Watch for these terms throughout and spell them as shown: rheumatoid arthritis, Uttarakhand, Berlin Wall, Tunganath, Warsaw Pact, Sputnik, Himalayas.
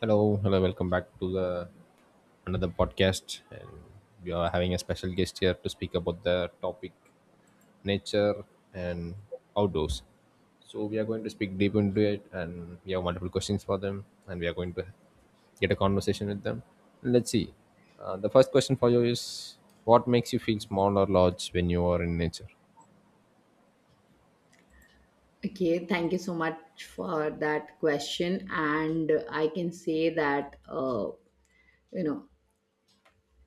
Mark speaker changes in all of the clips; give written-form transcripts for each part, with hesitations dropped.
Speaker 1: Hello, hello, welcome back to the another podcast. And we are having a special guest here to speak about the topic nature and outdoors. So we are going to speak deep into it, and we have multiple questions for them, and we are going to get a conversation with them. Let's see. The first question for you is, what makes you feel small or large when you are in nature?
Speaker 2: Okay, thank you so much for that question. And I can say that, you know,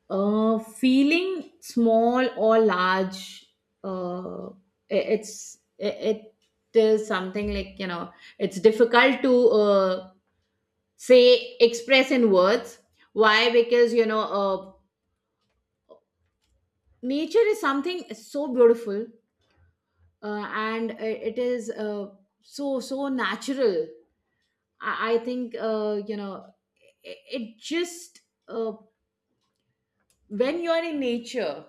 Speaker 2: feeling small or large, it is something like, it's difficult to say, express in words. Why? Because, nature is something so beautiful and it is so, so natural. I think, you know, it just, uh, when you're in nature.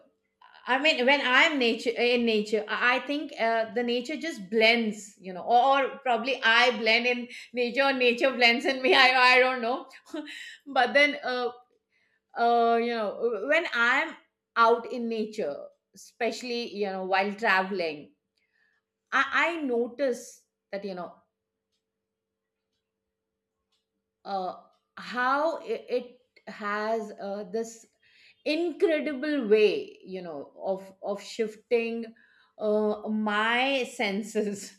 Speaker 2: I mean, when I'm nature in nature, I think the nature just blends, you know, or probably I blend in nature, or nature blends in me. I don't know, but then when I'm out in nature, especially you know while traveling, I notice that you know, uh, how it has this incredible way you know of shifting my senses,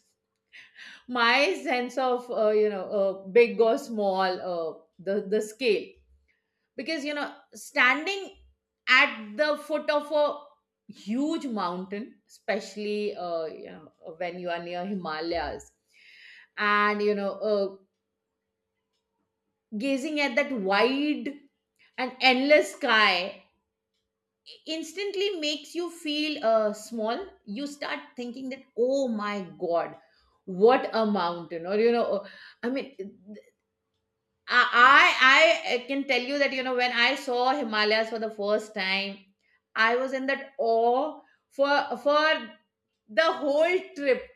Speaker 2: my sense of big or small, the scale. Because you know, standing at the foot of a huge mountain, especially you know when you are near Himalayas and gazing at that wide an endless sky, instantly makes you feel small. You start thinking that, oh my god, what a mountain, or I mean, I can tell you that you know, when I saw Himalayas for the first time, I was in that awe for the whole trip.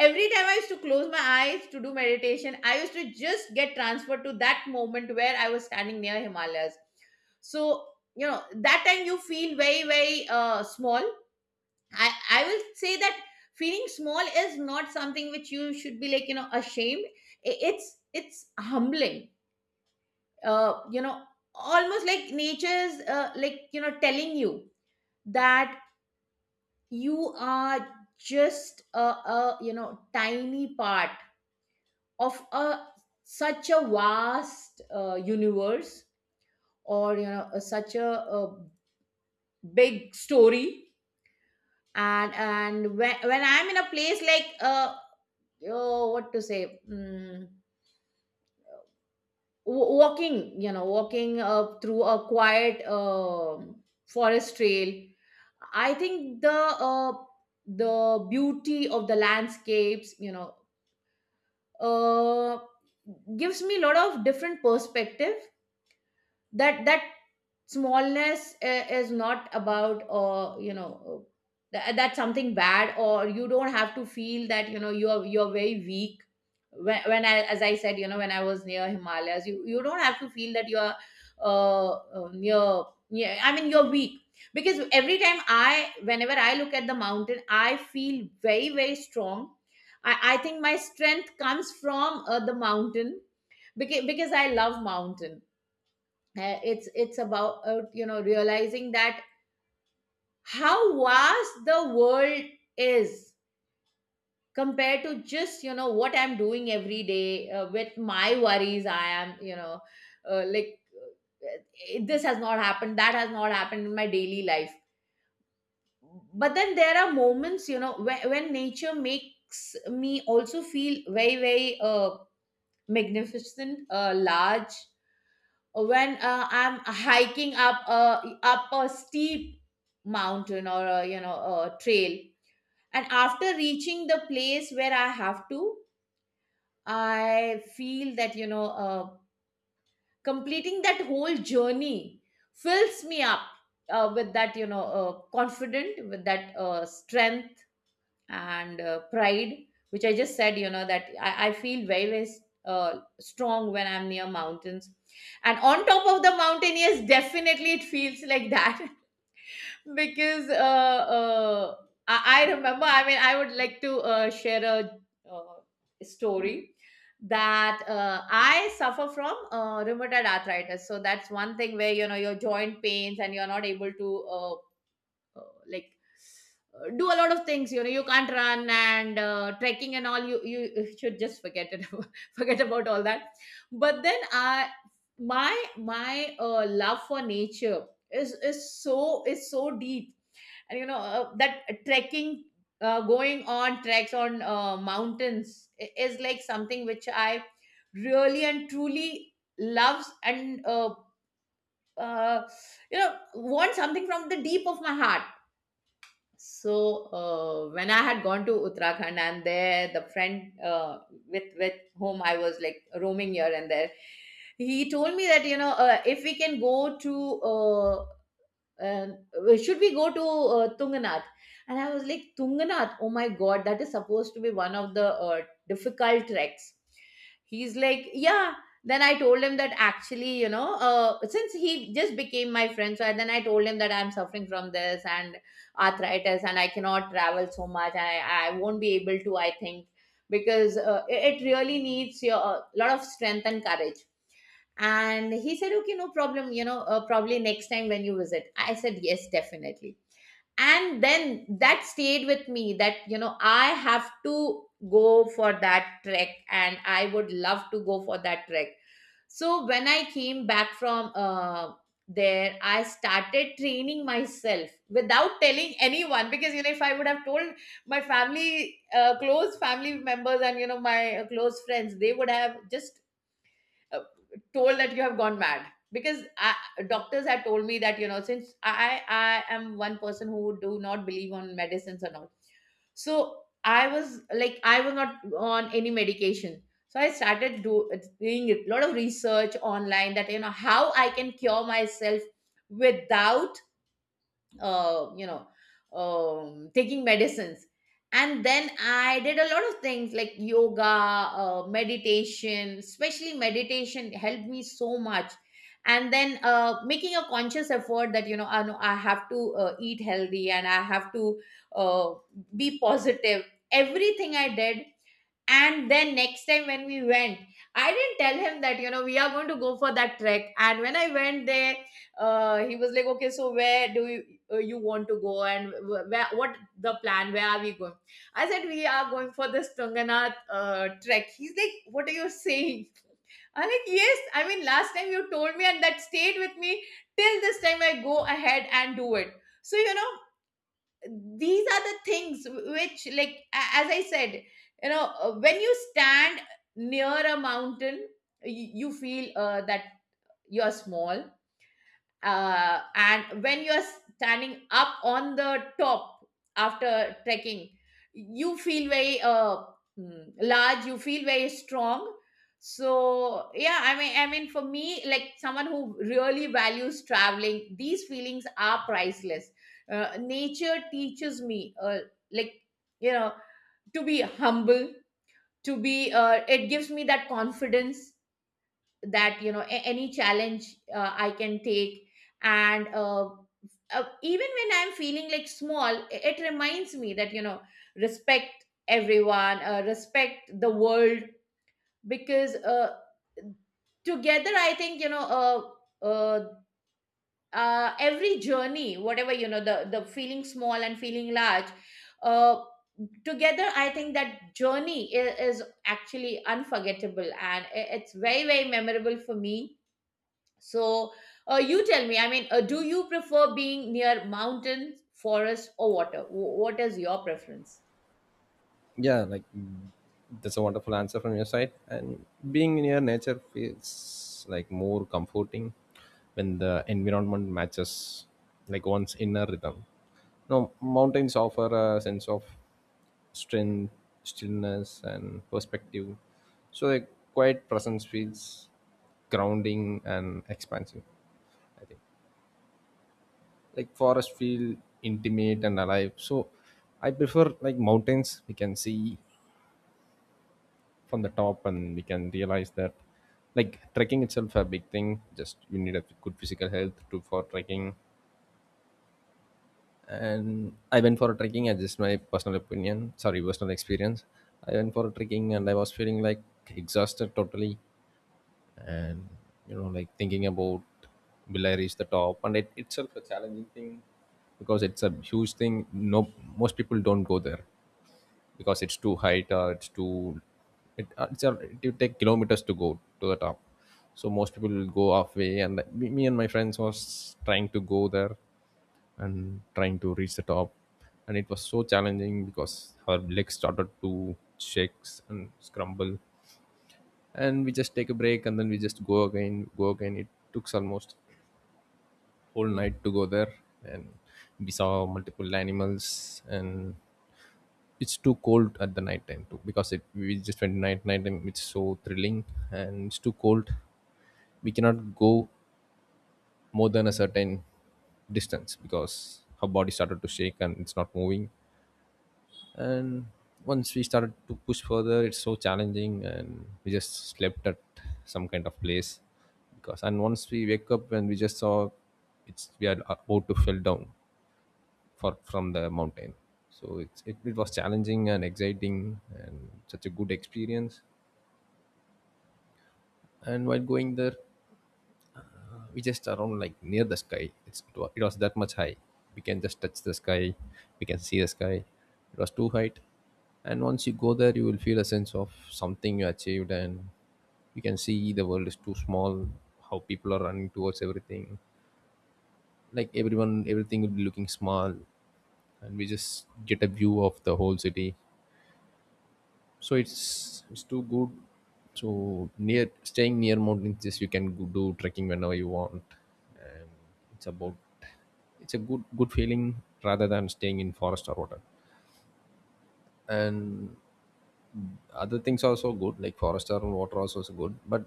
Speaker 2: Every time I used to close my eyes to do meditation, I used to just get transferred to that moment where I was standing near Himalayas. So, you know, that time you feel very, very small. I will say that feeling small is not something which you should be like, you know, ashamed. It's humbling, uh, you know, almost like nature's, telling you that you are just a you know tiny part of a such a vast universe, or you know, such a big story. And when I'm in a place like, oh, what to say, walking, you know, walking through a quiet forest trail, I think uh, the beauty of the landscapes, you know, uh gives me a lot of different perspective. That smallness is not about that's something bad, or you don't have to feel that you know you're very weak. When, I as I said, you know, when I was near Himalayas, you don't have to feel that you're uh, near, yeah I mean you're weak. Because every time I whenever I look at the mountain, I feel very, very strong. I think my strength comes from the mountain, because I love mountain. It's about you know, realizing that how vast the world is compared to just, you know, what I'm doing every day with my worries. I am you know uh, like uh, this has not happened, that has not happened in my daily life. But then there are moments, you know, when nature makes me also feel very, very magnificent, large. When I'm hiking up a steep mountain, or a, you know, a trail, and after reaching the place where I have to, I feel that, you know, completing that whole journey fills me up with that you know confident, with that strength and pride, which I just said, you know, that I feel very, very strong when I'm near mountains. And on top of the mountain, yes, definitely it feels like that. Because I remember, I mean, I would like to share a uh, story, that I suffer from rheumatoid arthritis. So that's one thing where, you know, your joint pains and you're not able to uh, like do a lot of things. You know, you can't run, and trekking and all, you you should just forget it, forget about all that. But then I my my love for nature is so, is so deep. And you know, that trekking, going on treks on mountains is like something which I really and truly loves, and uh, you know want something from the deep of my heart. So when I had gone to Uttarakhand, and there the friend with whom I was like roaming here and there, he told me that, you know, if we can go to and should we go to Tunganath? And I was like, Tunganath, oh my god, that is supposed to be one of the difficult treks. He's like, yeah. Then I told him that, actually, you know, since he just became my friend, so then I told him that I'm suffering from this and arthritis, and I cannot travel so much. I won't be able to, I think, because it really needs your, a lot of strength and courage. And he said, okay, no problem, you know, probably next time when you visit. I said, yes, definitely. And then that stayed with me, that, you know, I have to go for that trek, and I would love to go for that trek. So when I came back from there, I started training myself without telling anyone, because, you know, if I would have told my family, close family members, and, you know, my close friends, they would have just uh, told that you have gone mad. Because I, doctors had told me that, you know, since I am one person who do not believe on medicines and all, so I was like, I was not on any medication. So I started doing a lot of research online, that you know how I can cure myself without uh, you know taking medicines. And then I did a lot of things like yoga, meditation, especially meditation helped me so much. And then making a conscious effort that you know know I have to eat healthy, and I have to uh, be positive. Everything I did. And then next time when we went, I didn't tell him that, you know, we are going to go for that trek. And when I went there, he was like, okay, so where do you, you want to go, and where, what the plan? Where are we going? I said, we are going for this Tunganath trek. He's like, what are you saying? I'm like, yes. I mean, last time you told me, and that stayed with me till this time I go ahead and do it. So, you know, these are the things which like as I said, you know, when you stand near a mountain, you feel that you're small, and when you're standing up on the top, after trekking, you feel very, large, you feel very strong. So yeah, I mean for me, like someone who really values traveling, these feelings are priceless. Nature teaches me, like you know to be humble, to be, it gives me that confidence, that you know, any challenge I can take. And even when I'm feeling like small, it reminds me that you know, respect everyone, respect the world. Because together, I think, you know, uh, uh, every journey, whatever, you know, the feeling small and feeling large, uh, together, I think that journey is actually unforgettable, and it's very, very memorable for me. So, you tell me, I mean, do you prefer being near mountains, forest, or water? What is your preference?
Speaker 1: Yeah, like, that's a wonderful answer from your side. And being near nature feels like more comforting when the environment matches like one's inner rhythm. Now mountains offer a sense of strength, stillness, and perspective. So a quiet presence feels grounding and expansive. I think like forests feel intimate and alive. So I prefer like mountains. We can see from the top, and we can realize that like trekking itself a big thing, just you need a good physical health to for trekking. And I went for a trekking and just my personal opinion, sorry, personal experience, I went for a trekking and I was feeling like exhausted totally, and you know, like thinking about, will I reach the top? And it itself a challenging thing because it's a huge thing, no? Most people don't go there because it's too high. It's too, it's a, it will take kilometers to go to the top. So most people will go halfway, and like, me and my friends was trying to go there and trying to reach the top. And it was so challenging because our legs started to shakes and scramble, and we just take a break, and then we just go again, go again. It took almost whole night to go there. And we saw multiple animals, and it's too cold at the night time too, because it, we just went night, night time, it's so thrilling. And it's too cold, we cannot go more than a certain distance because her body started to shake and it's not moving. And once we started to push further, it's so challenging, and we just slept at some kind of place because, and once we wake up, and we just saw it's, we are about to fell down for from the mountain. So it's, it was challenging and exciting and such a good experience. And while going there, we just around like near the sky, it was that much high, we can just touch the sky, we can see the sky, it was too high. And once you go there, you will feel a sense of something you achieved, and you can see the world is too small, how people are running towards everything, like everyone, everything will be looking small. And we just get a view of the whole city. So it's too good. So near, staying near mountains, just you can go- do trekking whenever you want. It's about, it's a good feeling rather than staying in forest or water. And other things are also good, like forest or water also is good, but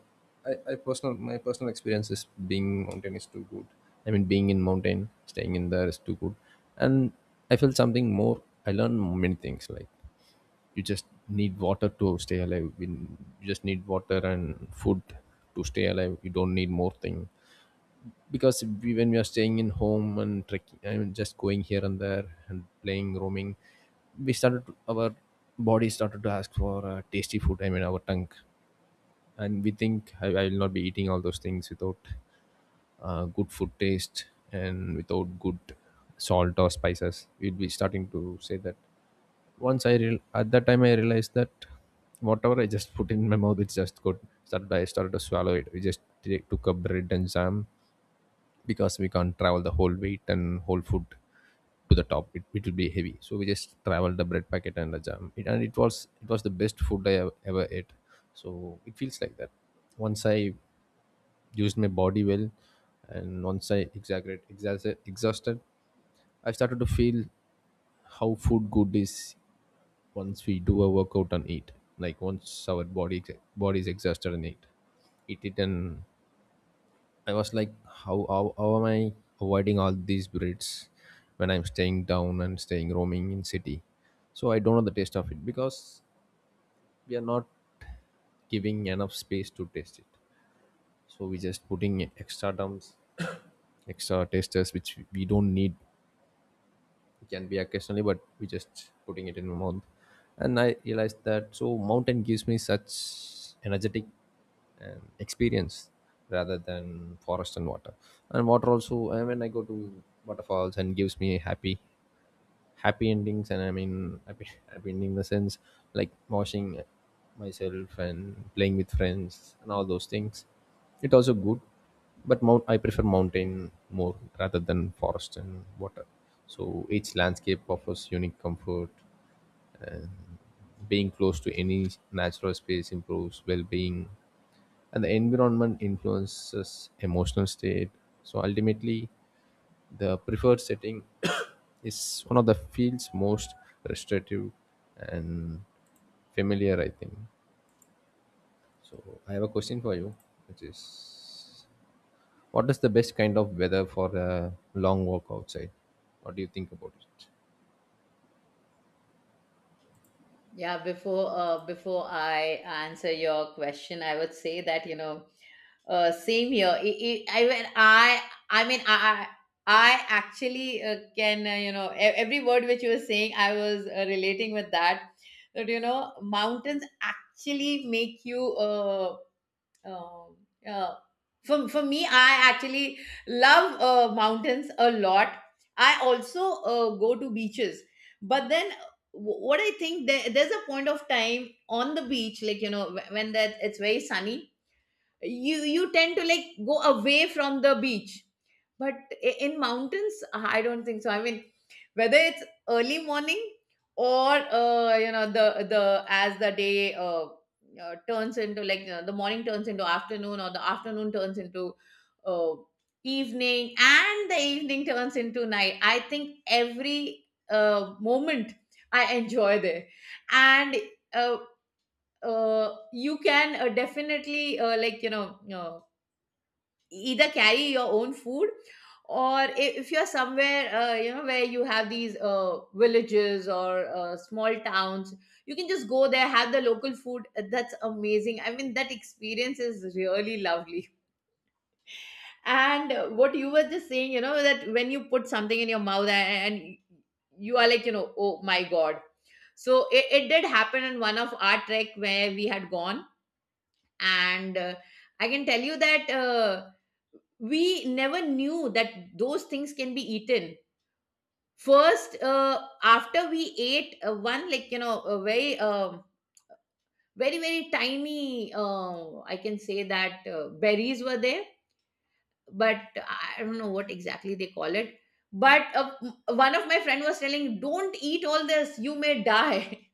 Speaker 1: I personal, my personal experience is being mountain is too good. I mean, being in mountain, staying in there is too good. And I felt something more, I learned many things, like you just need water to stay alive. In- you just need water and food to stay alive, you don't need more thing. Because we, when we are staying in home and trekking, I mean, just going here and there and playing, roaming, we started to, our body started to ask for tasty food, I mean our tongue. And we think I will not be eating all those things without good food taste and without good salt or spices, we'd be starting to say that. Once I real, at that time I realized that whatever I just put in my mouth, it just got started. I started to swallow it. We just took up bread and jam because we can't travel the whole weight and whole food to the top. It will be heavy, so we just traveled the bread packet and the jam. It, and it was, it was the best food I have ever ate. So it feels like that. Once I used my body well, and once I exaggerate, exhausted, exhausted, I started to feel how food good is. Once we do a workout and eat, like once our body, body is exhausted and eat, eat it, and I was like, how, how am I avoiding all these breeds when I'm staying down and staying roaming in city? So I don't know the taste of it because we are not giving enough space to taste it. So we just putting extra dumps, extra tasters which we don't need. It can be occasionally, but we just putting it in a month. And I realized that. So mountain gives me such energetic and experience rather than forest and water. And water also, and when I go to waterfalls and gives me happy, happy endings, and I mean happy, happy ending in the sense like washing myself and playing with friends and all those things. It also good. But mount, I prefer mountain more rather than forest and water. So each landscape offers unique comfort, and being close to any natural space improves well-being, and the environment influences emotional state. So ultimately, the preferred setting is one of the field's most restrictive and familiar, I think. So, I have a question for you, which is, what is the best kind of weather for a long walk outside? What do you think about it?
Speaker 2: Yeah, before before I answer your question, I would say that, you know, same here. I when I I I actually can you know, every word which you were saying, I was relating with that. That you know, mountains actually make you Um, uh, for me, I actually love mountains a lot. I also go to beaches, but then what I think, there's a point of time on the beach, like, you know, when that it's very sunny, you tend to like go away from the beach. But in mountains, I don't think so. I mean, whether it's early morning or you know the as the day turns into, like, you know, the morning turns into afternoon, or the afternoon turns into uh, evening, and the evening turns into night. I think every moment I enjoy there, and uh, you can definitely, Uh, either carry your own food or if you're somewhere, you know, where you have these villages or small towns, you can just go there, have the local food. That's amazing. I mean, that experience is really lovely. And what you were just saying, you know, that when you put something in your mouth and you are like, you know, oh my god. So it did happen in one of our trek where we had gone. And I can tell you that, we never knew that those things can be eaten. First, after we ate, one, like you know, a very very very tiny, I can say that, berries were there. But I don't know what exactly they call it. But one of my friend was telling, don't eat all this, you may die.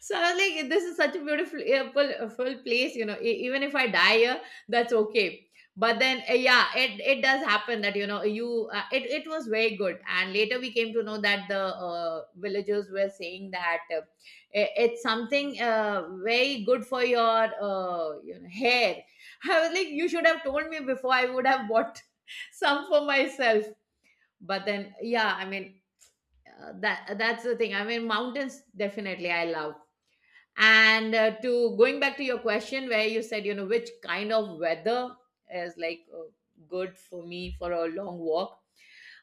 Speaker 2: So I was like, this is such a beautiful, full, full place. You know, even if I die here, that's okay. But then, yeah, it does happen that you know you. It was very good, and later we came to know that the villagers were saying that, it's something, very good for your, you know, hair. I was like, you should have told me before. I would have bought some for myself. But then, yeah, I mean, that's the thing. I mean, mountains definitely I love. And to going back to your question, where you said, you know, which kind of weather is like, good for me for a long walk,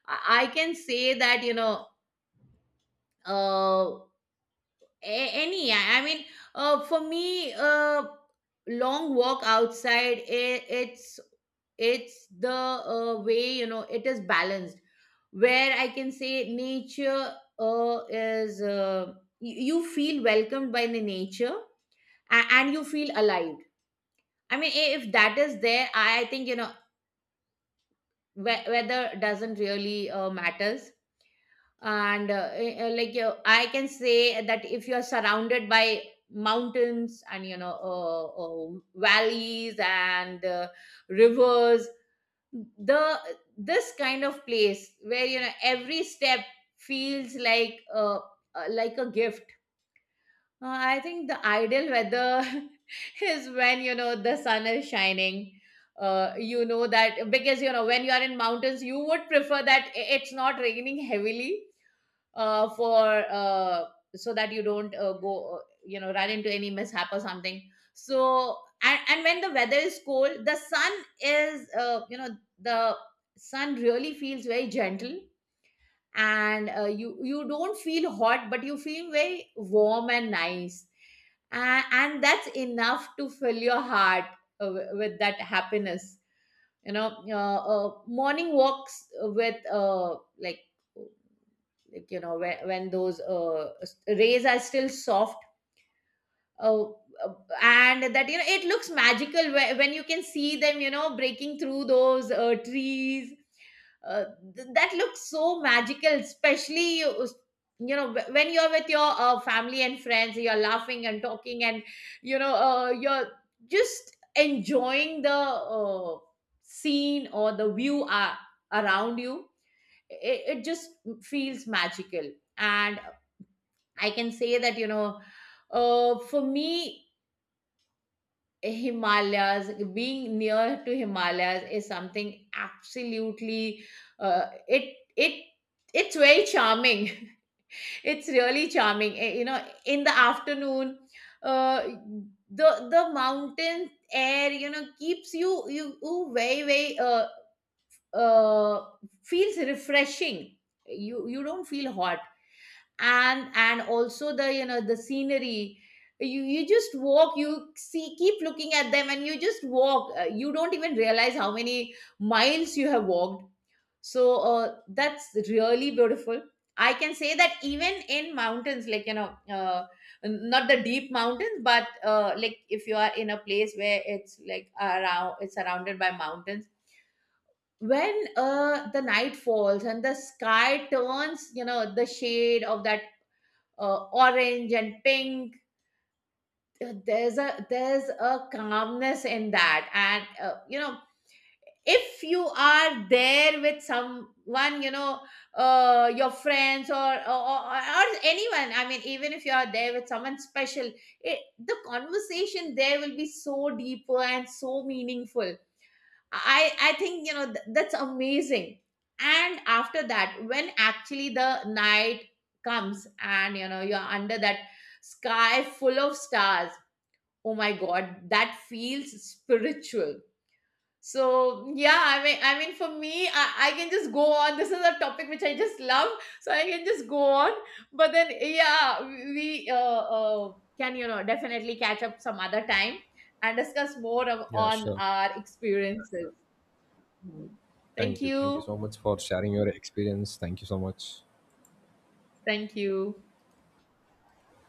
Speaker 2: I can say that, you know, uh, any, I mean, for me, long walk outside, it's it's the way, you know, it is balanced, where I can say nature is, you feel welcomed by the nature and you feel alive. I mean, if that is there, I think, you know, weather doesn't really, matters. And like you, I can say that if you are surrounded by mountains and you know, valleys and, rivers, the this kind of place where, you know, every step feels like, like a gift. I think the ideal weather is when, you know, the sun is shining. You know that because, you know, when you are in mountains, you would prefer that it's not raining heavily. For so that you don't, go, you know, run into any mishap or something. So, and when the weather is cold, the sun is, you know, the sun really feels very gentle. And you you don't feel hot, but you feel very warm and nice. And that's enough to fill your heart with that happiness. You know, morning walks with, like like, you know, when, those rays are still soft. Oh, and that, you know, it looks magical when you can see them, you know, breaking through those trees. Uh, that looks so magical, especially you, you know, when you're with your, family and friends. You're laughing and talking, and, you know, you're just enjoying the scene or the view around you. It just feels magical. And I can say that, you know, for me, Himalayas, being near to Himalayas is something absolutely, it it's very charming. It's really charming. You know, in the afternoon, uh, the mountain air, you know, keeps you, you very very, uh, feels refreshing. You don't feel hot. And also the, you know, the scenery, you just walk, you see, keep looking at them and you just walk. You don't even realize how many miles you have walked. So that's really beautiful. I can say that even in mountains, like you know, not the deep mountains, but, like, if you are in a place where it's like, around it's surrounded by mountains, when the night falls and the sky turns, you know, the shade of that, orange and pink. There's a calmness in that, and, you know, if you are there with someone, you know, your friends or anyone. I mean, even if you are there with someone special, it, the conversation there will be so deeper and so meaningful. I think, you know, that's amazing. And after that, when actually the night comes and, you know, you're under that sky full of stars, oh my god, that feels spiritual. So yeah, I mean, for me, I can just go on. This is a topic which I just love, so I can just go on. But then yeah, we can, you know, definitely catch up some other time and discuss more of,
Speaker 1: Yeah,
Speaker 2: on
Speaker 1: sure.
Speaker 2: our experiences. Mm. Thank
Speaker 1: Thank you. Thank you
Speaker 2: you.
Speaker 1: so much for sharing your experience. Thank you so much.
Speaker 2: Thank you.